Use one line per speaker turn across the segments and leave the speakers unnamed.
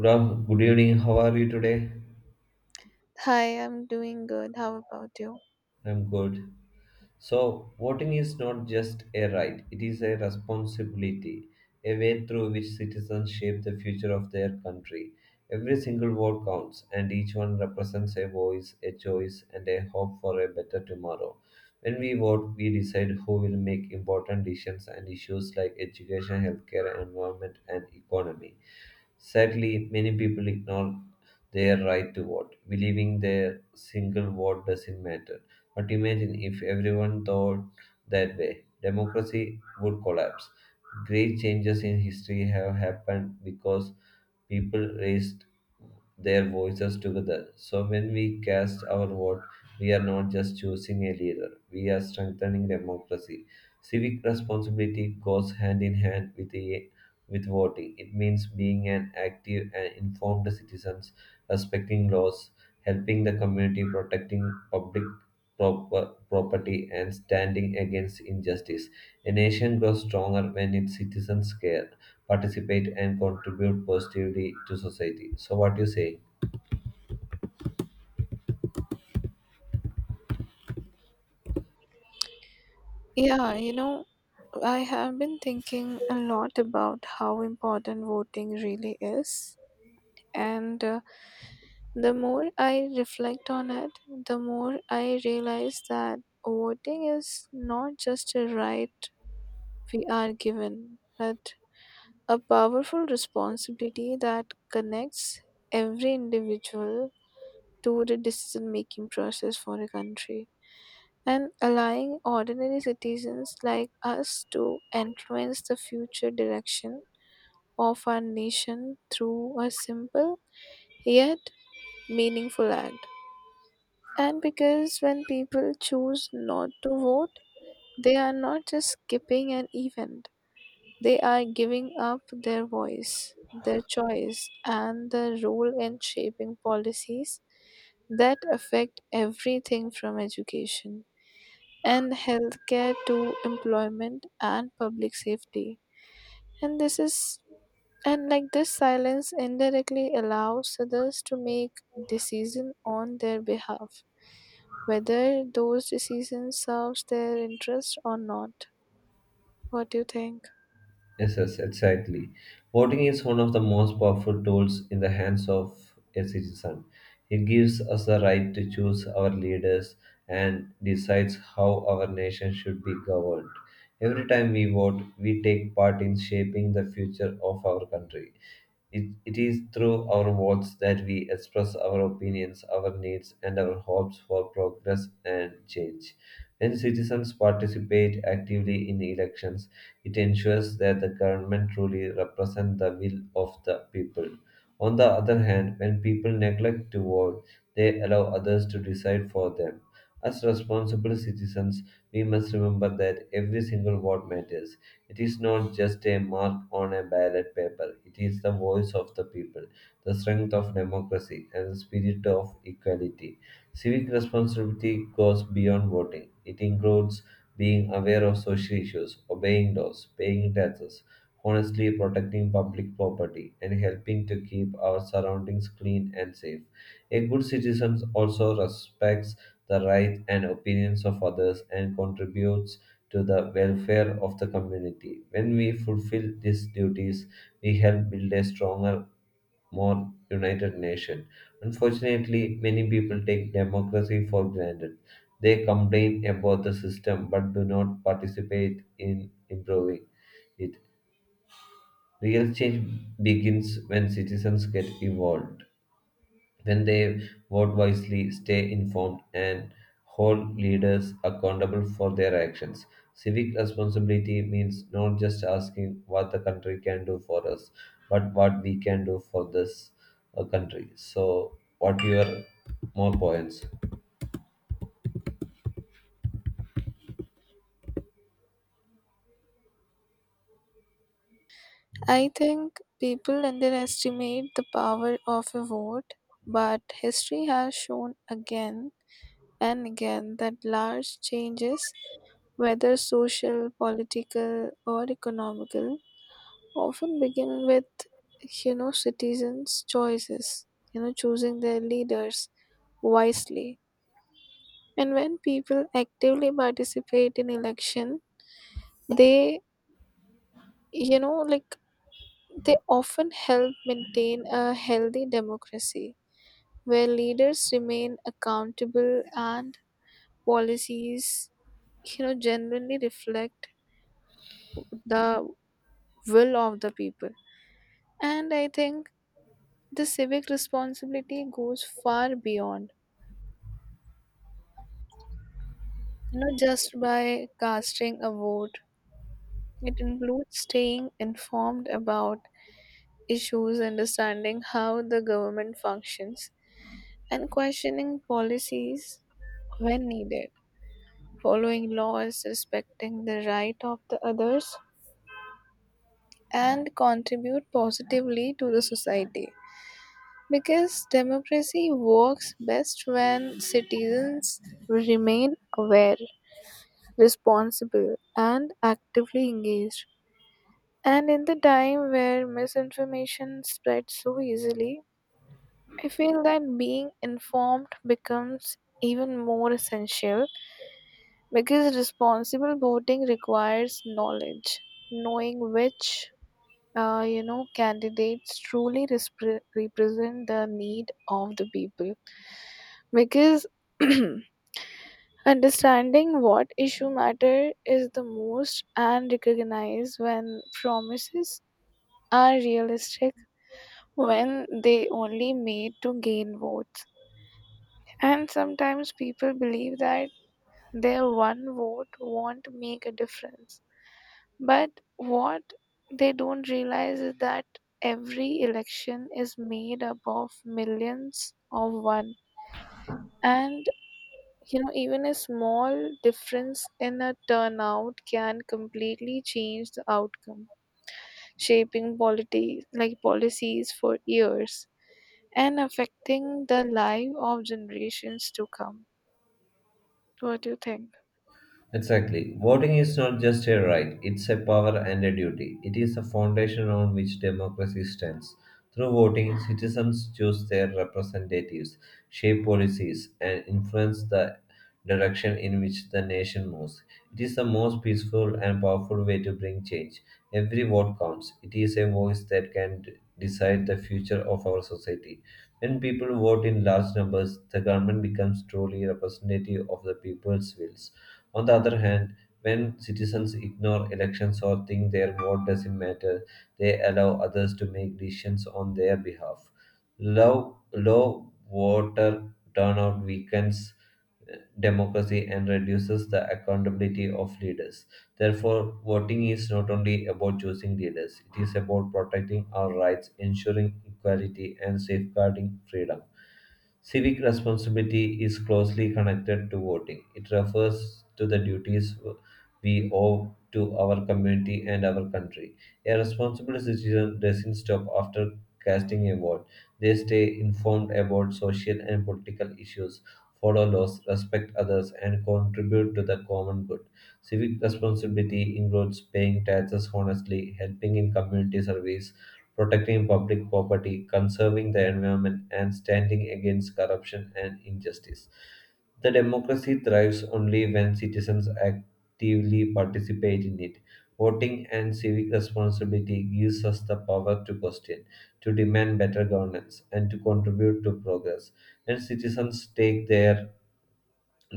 Good, good evening. How are you today?
Hi, I'm doing good. How about you?
I'm good. So, voting is not just a right, it is a responsibility, a way through which citizens shape the future of their country. Every single vote counts, and each one represents a voice, a choice, and a hope for a better tomorrow. When we vote, we decide who will make important decisions and issues like education, healthcare, environment, and economy. Sadly, many people ignore their right to vote, believing their single vote doesn't matter. But imagine if everyone thought that way democracy would collapse. Great changes in history have happened because people raised their voices together. So when we cast our vote, we are not just choosing a leader, we are strengthening democracy. Civic responsibility goes hand in hand with the with voting. It means being an active and informed citizen, respecting laws, helping the community, protecting public proper, property, and standing against injustice. A nation grows stronger when its citizens care, participate, and contribute positively to society. So, what do you say?
Yeah, I have been thinking a lot about how important voting really is. And The more I reflect on it, the more I realize that voting is not just a right we are given, but a powerful responsibility that connects every individual to the decision making process for a country, and allowing ordinary citizens like us to influence the future direction of our nation through a simple yet meaningful act. And because when people choose not to vote, they are not just skipping an event, they are giving up their voice, their choice, and their role in shaping policies that affect everything from education and healthcare to employment and public safety. And this is and like This silence indirectly allows others to make decisions on their behalf, whether those decisions serves their interest or not. What do you think?
Yes, yes, exactly. Voting is one of the most powerful tools in the hands of a citizen. It gives us the right to choose our leaders and decides how our nation should be governed. Every time we vote, we take part in shaping the future of our country. It is through our votes that we express our opinions, our needs, and our hopes for progress and change. When citizens participate actively in elections, it ensures that the government truly represents the will of the people. On the other hand, when people neglect to vote, they allow others to decide for them. As responsible citizens, we must remember that every single vote matters. It is not just a mark on a ballot paper, it is the voice of the people, the strength of democracy, and the spirit of equality. Civic responsibility goes beyond voting, it includes being aware of social issues, obeying laws, paying taxes, honestly protecting public property, and helping to keep our surroundings clean and safe. A good citizen also respects the rights and opinions of others and contributes to the welfare of the community. When we fulfill these duties, we help build a stronger, more united nation. Unfortunately, many people take democracy for granted. They complain about the system but do not participate in improving it. Real change begins when citizens get involved, when they vote wisely, stay informed, and hold leaders accountable for their actions. Civic responsibility means not just asking what the country can do for us, but what we can do for this country. So, what your more points?
I think people underestimate the power of a vote, but history has shown again and again that large changes, whether social, political, or economical, often begin with, citizens' choices, choosing their leaders wisely. And when people actively participate in election, they, you know, like they often help maintain a healthy democracy where leaders remain accountable and policies, generally reflect the will of the people. And I think the civic responsibility goes far beyond, just by casting a vote. It includes staying informed about issues, understanding how the government functions, and questioning policies when needed, following laws, respecting the right of the others, and contribute positively to the society. Because democracy works best when citizens remain aware, responsible, and actively engaged. And in the time where misinformation spreads so easily, I feel that being informed becomes even more essential, because responsible voting requires knowledge, knowing which candidates truly represent the need of the people. Because understanding what issue matter is the most and recognize when promises are realistic, when they only made to gain votes. And sometimes people believe that their one vote won't make a difference. But what they don't realize is that every election is made up of millions of one. And even a small difference in a turnout can completely change the outcome, shaping polity like policies for years and affecting the life of generations to come. What do you think?
Exactly. Voting is not just a right, it's a power and a duty. It is the foundation on which democracy stands. Through voting, citizens choose their representatives, shape policies, and influence the direction in which the nation moves. It is the most peaceful and powerful way to bring change. Every vote counts. It is a voice that can decide the future of our society. When people vote in large numbers, the government becomes truly representative of the people's wills. On the other hand, when citizens ignore elections or think their vote doesn't matter, they allow others to make decisions on their behalf. Low voter turnout weakens democracy and reduces the accountability of leaders. Therefore, voting is not only about choosing leaders, it is about protecting our rights, ensuring equality, and safeguarding freedom. Civic responsibility is closely connected to voting. It refers to the duties we owe to our community and our country. A responsible citizen doesn't stop after casting a vote. They stay informed about social and political issues, follow laws, respect others, and contribute to the common good. Civic responsibility includes paying taxes honestly, helping in community service, protecting public property, conserving the environment, and standing against corruption and injustice. The democracy thrives only when citizens actively participate in it. Voting and civic responsibility gives us the power to question, to demand better governance, and to contribute to progress. When citizens take their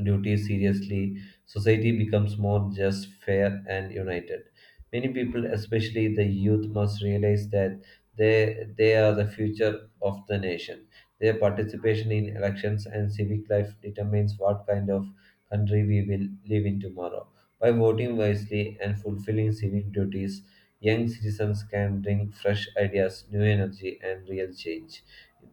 duties seriously, society becomes more just, fair, and united. Many people, especially the youth, must realize that they are the future of the nation. Their participation in elections and civic life determines what kind of country we will live in tomorrow. By voting wisely and fulfilling civic duties, young citizens can bring fresh ideas, new energy, and real change.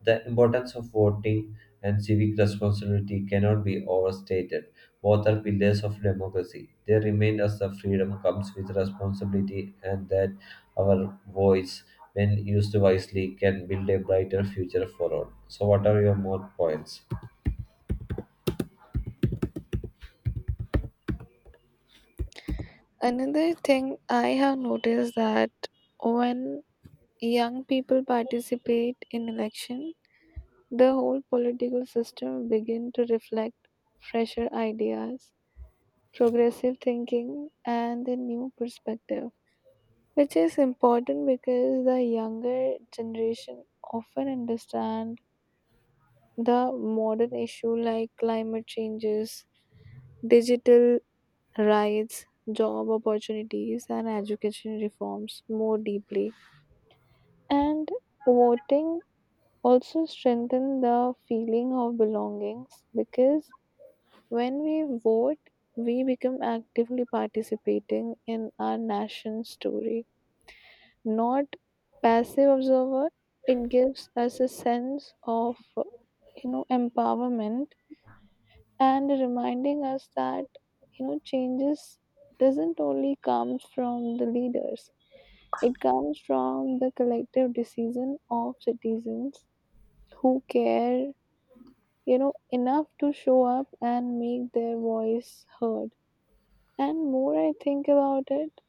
The importance of voting and civic responsibility cannot be overstated. Both are pillars of democracy. They remind us that freedom comes with responsibility and that our voice, when used wisely, can build a brighter future for all. So, what are your more points?
Another thing I have noticed, that when young people participate in election, the whole political system begin to reflect fresher ideas, progressive thinking and a new perspective, which is important because the younger generation often understand the modern issue like climate changes, digital rights, job opportunities and education reforms more deeply. And voting also strengthens the feeling of belongings, because when we vote, we become actively participating in our nation's story, not passive observer. It gives us a sense of empowerment, and reminding us that changes doesn't only come from the leaders, it comes from the collective decision of citizens who care, enough to show up and make their voice heard. And more I think about it,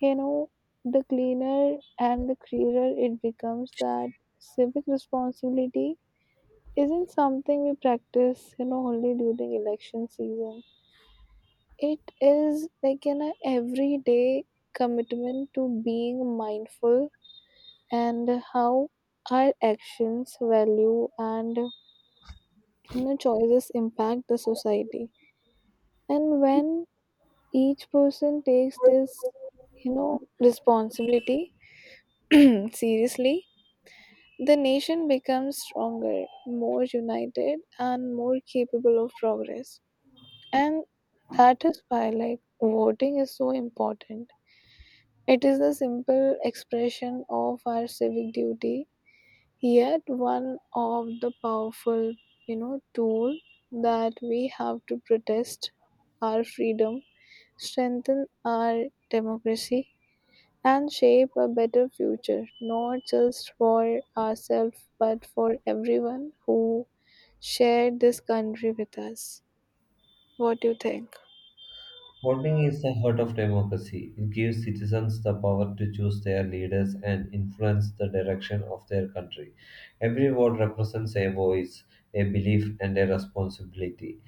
you know, the cleaner and the clearer it becomes that civic responsibility isn't something we practice, only during election season. It is like an everyday commitment to being mindful, and how our actions, value, and choices impact the society. And when each person takes this you know responsibility seriously, the nation becomes stronger, more united, and more capable of progress. And that is why, like, voting is so important. It is a simple expression of our civic duty, yet one of the powerful tool that we have to protest our freedom, strengthen our democracy, and shape a better future, not just for ourselves but for everyone who shared this country with us. What do you think?
Voting is the heart of democracy. It gives citizens the power to choose their leaders and influence the direction of their country. Every vote represents a voice, a belief, and a responsibility.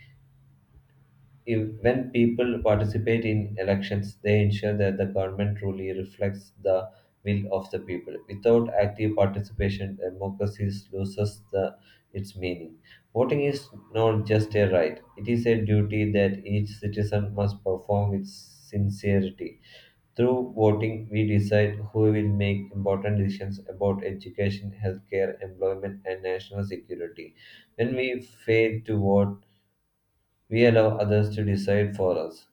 If, when people participate in elections, they ensure that the government truly reflects the will of the people. Without active participation, democracy loses its meaning. Voting is not just a right, it is a duty that each citizen must perform with sincerity. Through voting, we decide who will make important decisions about education, healthcare, employment, and national security. When we fail to vote, we allow others to decide for us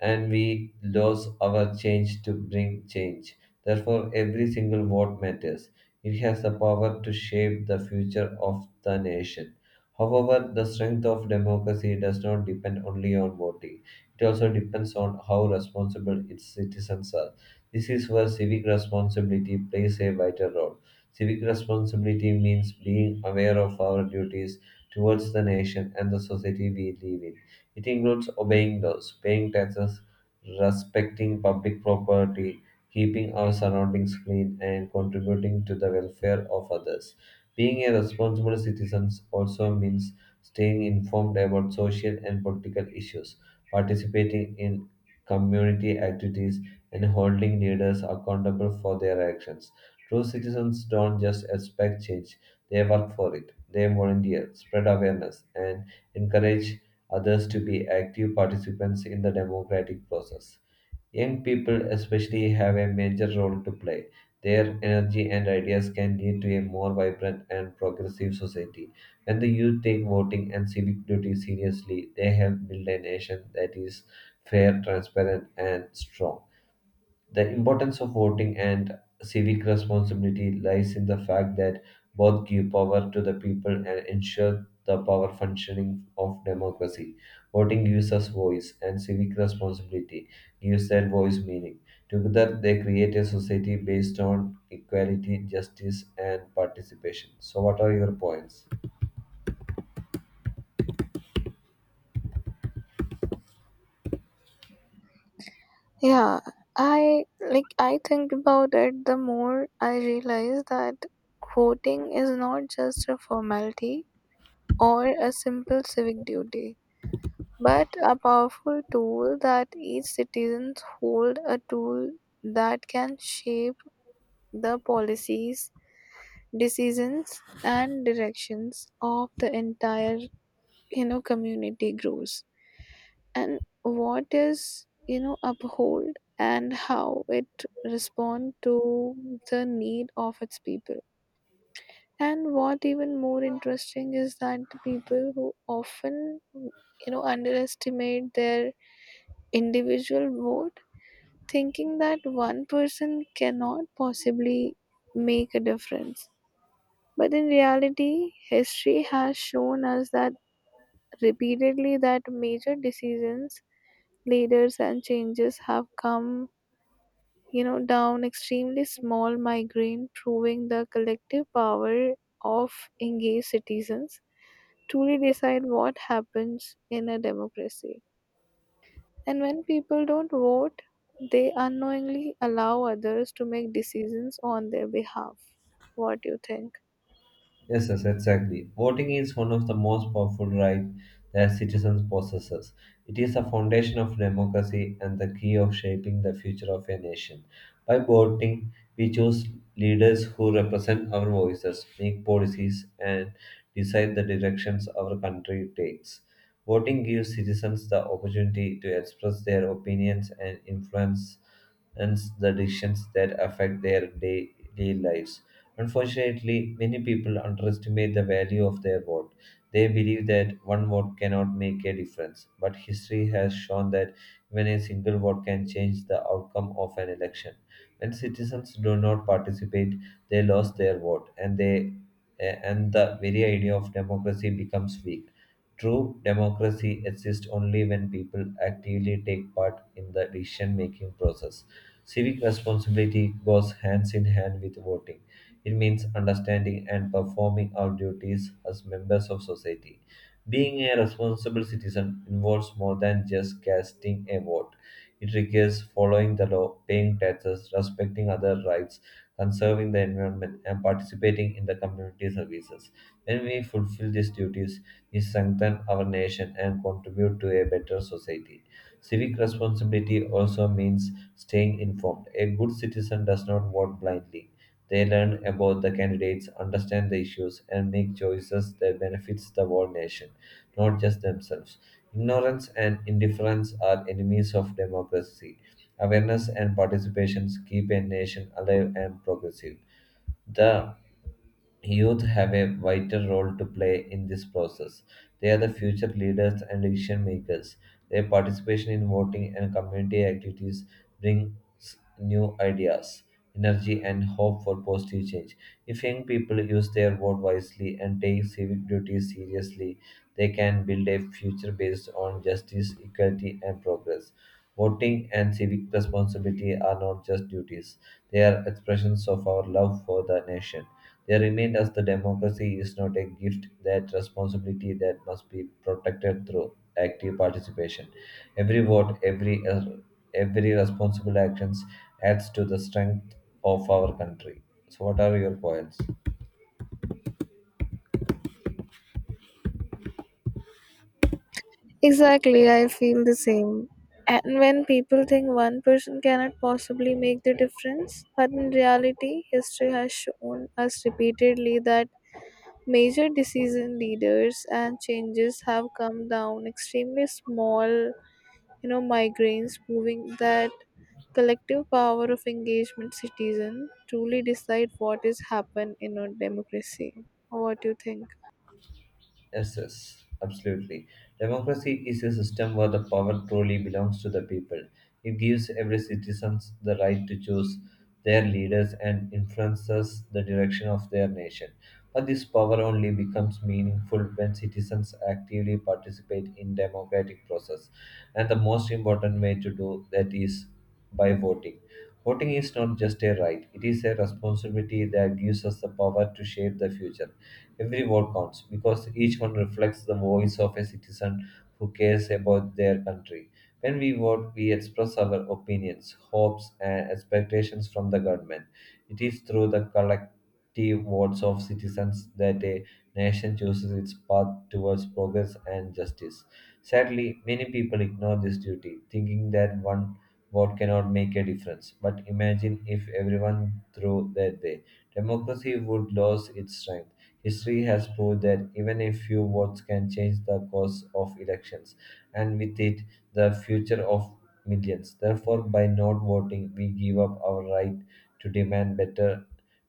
and we lose our change to bring change. Therefore, every single vote matters. It has the power to shape the future of the nation. However, the strength of democracy does not depend only on voting. It also depends on how responsible its citizens are. This is where civic responsibility plays a vital role. Civic responsibility means being aware of our duties towards the nation and the society we live in. It includes obeying laws, paying taxes, respecting public property, keeping our surroundings clean, and contributing to the welfare of others. Being a responsible citizen also means staying informed about social and political issues, participating in community activities, and holding leaders accountable for their actions. True citizens don't just expect change, they work for it. They volunteer, spread awareness, and encourage others to be active participants in the democratic process. Young people, especially, have a major role to play. Their energy and ideas can lead to a more vibrant and progressive society. When the youth take voting and civic duty seriously, they help build a nation that is fair, transparent, and strong. The importance of voting and civic responsibility lies in the fact that both give power to the people and ensure the power functioning of democracy. Voting gives us voice, and civic responsibility gives that voice meaning. Together, they create a society based on equality, justice, and participation. So, what are your points?
Yeah, I think about it, the more I realize that voting is not just a formality or a simple civic duty, but a powerful tool that each citizens hold, a tool that can shape the policies, decisions and directions of the entire community grows, and what is uphold and how it respond to the need of its people. And what even more interesting is that the people who often underestimate their individual vote, thinking that one person cannot possibly make a difference, but in reality history has shown us that repeatedly that major decisions, leaders, and changes have come, down extremely small migraine, proving the collective power of engaged citizens to really decide what happens in a democracy. And when people don't vote, they unknowingly allow others to make decisions on their behalf. What do you think?
Yes, yes, exactly. Voting is one of the most powerful rights that citizens possesses. It is the foundation of democracy and the key of shaping the future of a nation. By voting, we choose leaders who represent our voices, make policies, and decide the directions our country takes. Voting gives citizens the opportunity to express their opinions and influence the decisions that affect their daily lives. Unfortunately, many people underestimate the value of their vote. They believe that one vote cannot make a difference, but history has shown that even a single vote can change the outcome of an election. When citizens do not participate, they lose their vote, and and the very idea of democracy becomes weak. True democracy exists only when people actively take part in the decision making process. Civic responsibility goes hands in hand with voting. It means understanding and performing our duties as members of society. Being a responsible citizen involves more than just casting a vote. It requires following the law, paying taxes, respecting other rights, conserving the environment, and participating in the community services. When we fulfill these duties, we strengthen our nation and contribute to a better society. Civic responsibility also means staying informed. A good citizen does not vote blindly. They learn about the candidates, understand the issues, and make choices that benefits the whole nation, not just themselves. Ignorance and indifference are enemies of democracy. Awareness and participations keep a nation alive and progressive. The Youth have a vital role to play in this process. They are the future leaders and decision makers. Their participation in voting and community activities brings new ideas, energy, and hope for positive change. If young people use their vote wisely and take civic duties seriously, they can build a future based on justice, equality, and progress. Voting and civic responsibility are not just duties, they are expressions of our love for the nation. They remind us that democracy is not a gift, that responsibility that must be protected through active participation. Every vote, every responsible actions adds to the strength of our country. So, what are your points?
Exactly, I feel the same. And when people think one person cannot possibly make the difference, but in reality, history has shown us repeatedly that major decision leaders and changes have come down extremely small, migraines, proving that collective power of engagement citizen truly decide what is happen in a democracy. What do you think?
Yes, yes, absolutely. Democracy is a system where the power truly belongs to the people. It gives every citizen the right to choose their leaders and influences the direction of their nation. But this power only becomes meaningful when citizens actively participate in democratic process. And the most important way to do that is by voting. Voting is not just a right, it is a responsibility that gives us the power to shape the future. Every vote counts because each one reflects the voice of a citizen who cares about their country. When we vote, we express our opinions, hopes, and expectations from the government. It is through the collective votes of citizens that a nation chooses its path towards progress and justice. Sadly, many people ignore this duty, thinking that one vote cannot make a difference. But imagine if everyone threw that day. Democracy would lose its strength. History has proved that even a few votes can change the course of elections, and with it, the future of millions. Therefore, by not voting, we give up our right to demand better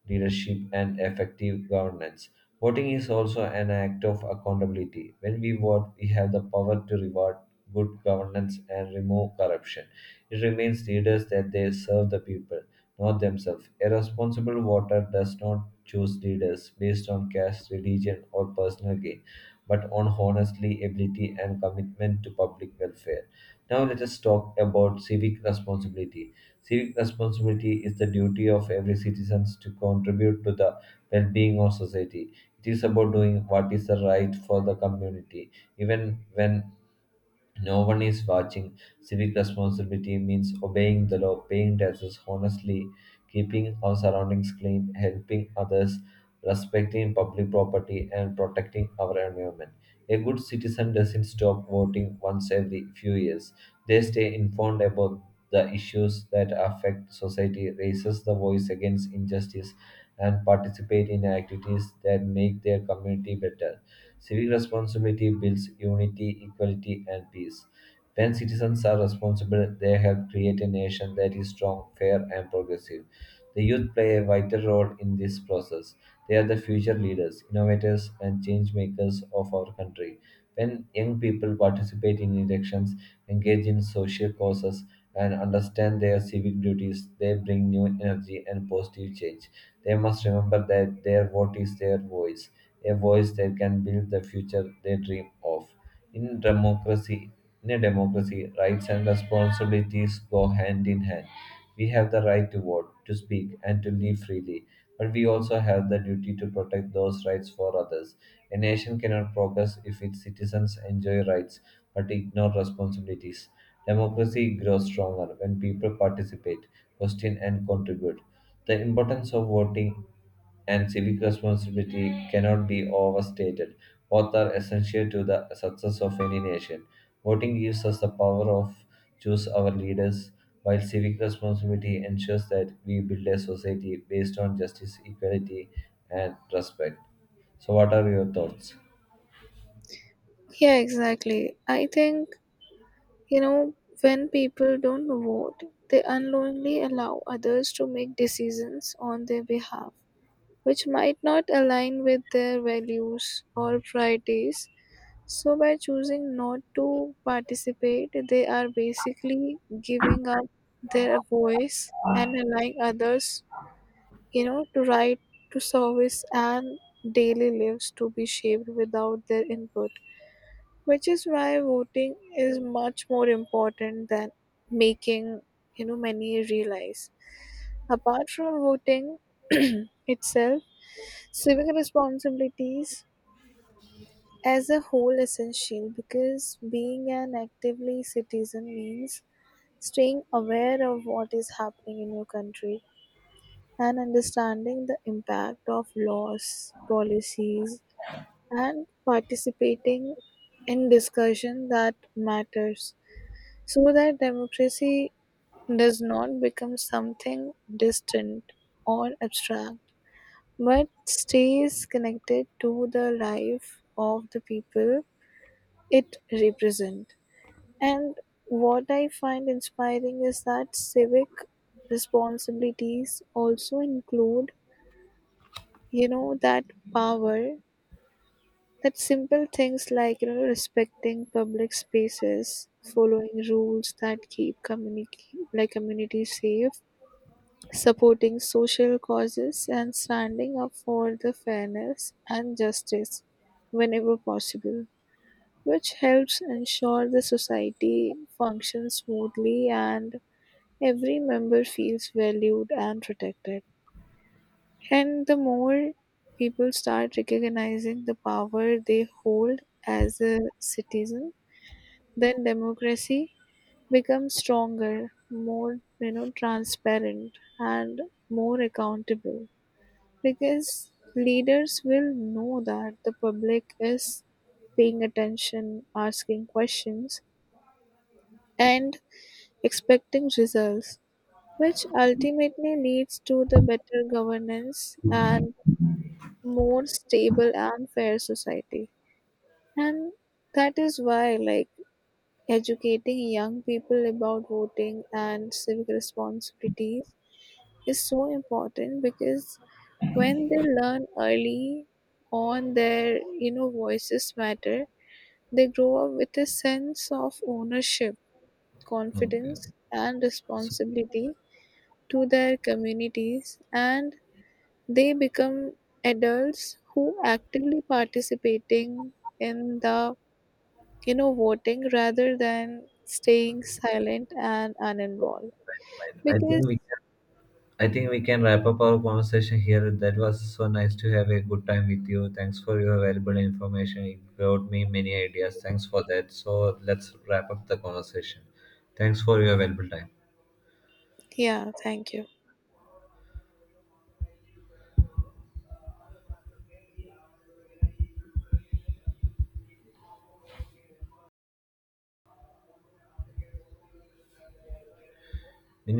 leadership and effective governance. Voting is also an act of accountability. When we vote, we have the power to reward good governance and remove corruption. It remains leaders that they serve the people, not themselves. A responsible voter does not choose leaders based on caste, religion, or personal gain, but on honesty, ability, and commitment to public welfare. Now, let us talk about civic responsibility. Civic responsibility is the duty of every citizen to contribute to the well being of society. It is about doing what is the right for the community, even when no one is watching. Civic responsibility means obeying the law, paying taxes honestly, keeping our surroundings clean, helping others, respecting public property, and protecting our environment. A good citizen doesn't stop voting once every few years. They stay informed about the issues that affect society, raises the voice against injustice, and participate in activities that make their community better. Civic responsibility builds unity, equality, and peace. When citizens are responsible, they help create a nation that is strong, fair, and progressive. The youth play a vital role in this process. They are the future leaders, innovators, and change makers of our country. When young people participate in elections, engage in social causes, and understand their civic duties, they bring new energy and positive change. They must remember that their vote is their voice, a voice that can build the future they dream of. In democracy, in a democracy, rights and responsibilities go hand in hand. We have the right to vote, to speak, and to live freely, but we also have the duty to protect those rights for others. A nation cannot progress if its citizens enjoy rights but ignore responsibilities. Democracy grows stronger when people participate, question, and contribute. The importance of voting and civic responsibility cannot be overstated. Both are essential to the success of any nation. Voting gives us the power of choose our leaders, while civic responsibility ensures that we build a society based on justice, equality, and respect. So, what are your thoughts?
Yeah, exactly. I think You know, when people don't vote, they unknowingly allow others to make decisions on their behalf, which might not align with their values or priorities. So, by choosing not to participate, they are basically giving up their voice and allowing others, to right to service and daily lives to be shaped without their input, which is why voting is much more important than making many realize. Apart from voting itself, civic responsibilities as a whole essential, because being an actively citizen means staying aware of what is happening in your country, and understanding the impact of laws policies and participating in discussion that matters. So that democracy does not become something distant or abstract, but stays connected to the life of the people it represents. And what I find inspiring is that civic responsibilities also include, you know, that power that simple things like respecting public spaces, following rules that keep community safe, supporting social causes and standing up for the fairness and justice whenever possible, which helps ensure the society functions smoothly and every member feels valued and protected. And the more people start recognizing the power they hold as a citizen, then democracy becomes stronger, more transparent and more accountable, because leaders will know that the public is paying attention, asking questions, and expecting results, which ultimately leads to the better governance and more stable and fair society. And that is why, like, educating young people about voting and civic responsibilities is so important, because when they learn early on their voices matter, they grow up with a sense of ownership,
Okay.
confidence and responsibility to their communities, and they become adults who actively participating in the voting rather than staying silent and uninvolved
I I think
because
we can. I think we can wrap up our conversation here. That was so nice to have a good time with you. Thanks for your valuable information. It brought me many ideas. Thanks for that. So let's wrap up the conversation. Thanks for your valuable time.
yeah, thank you.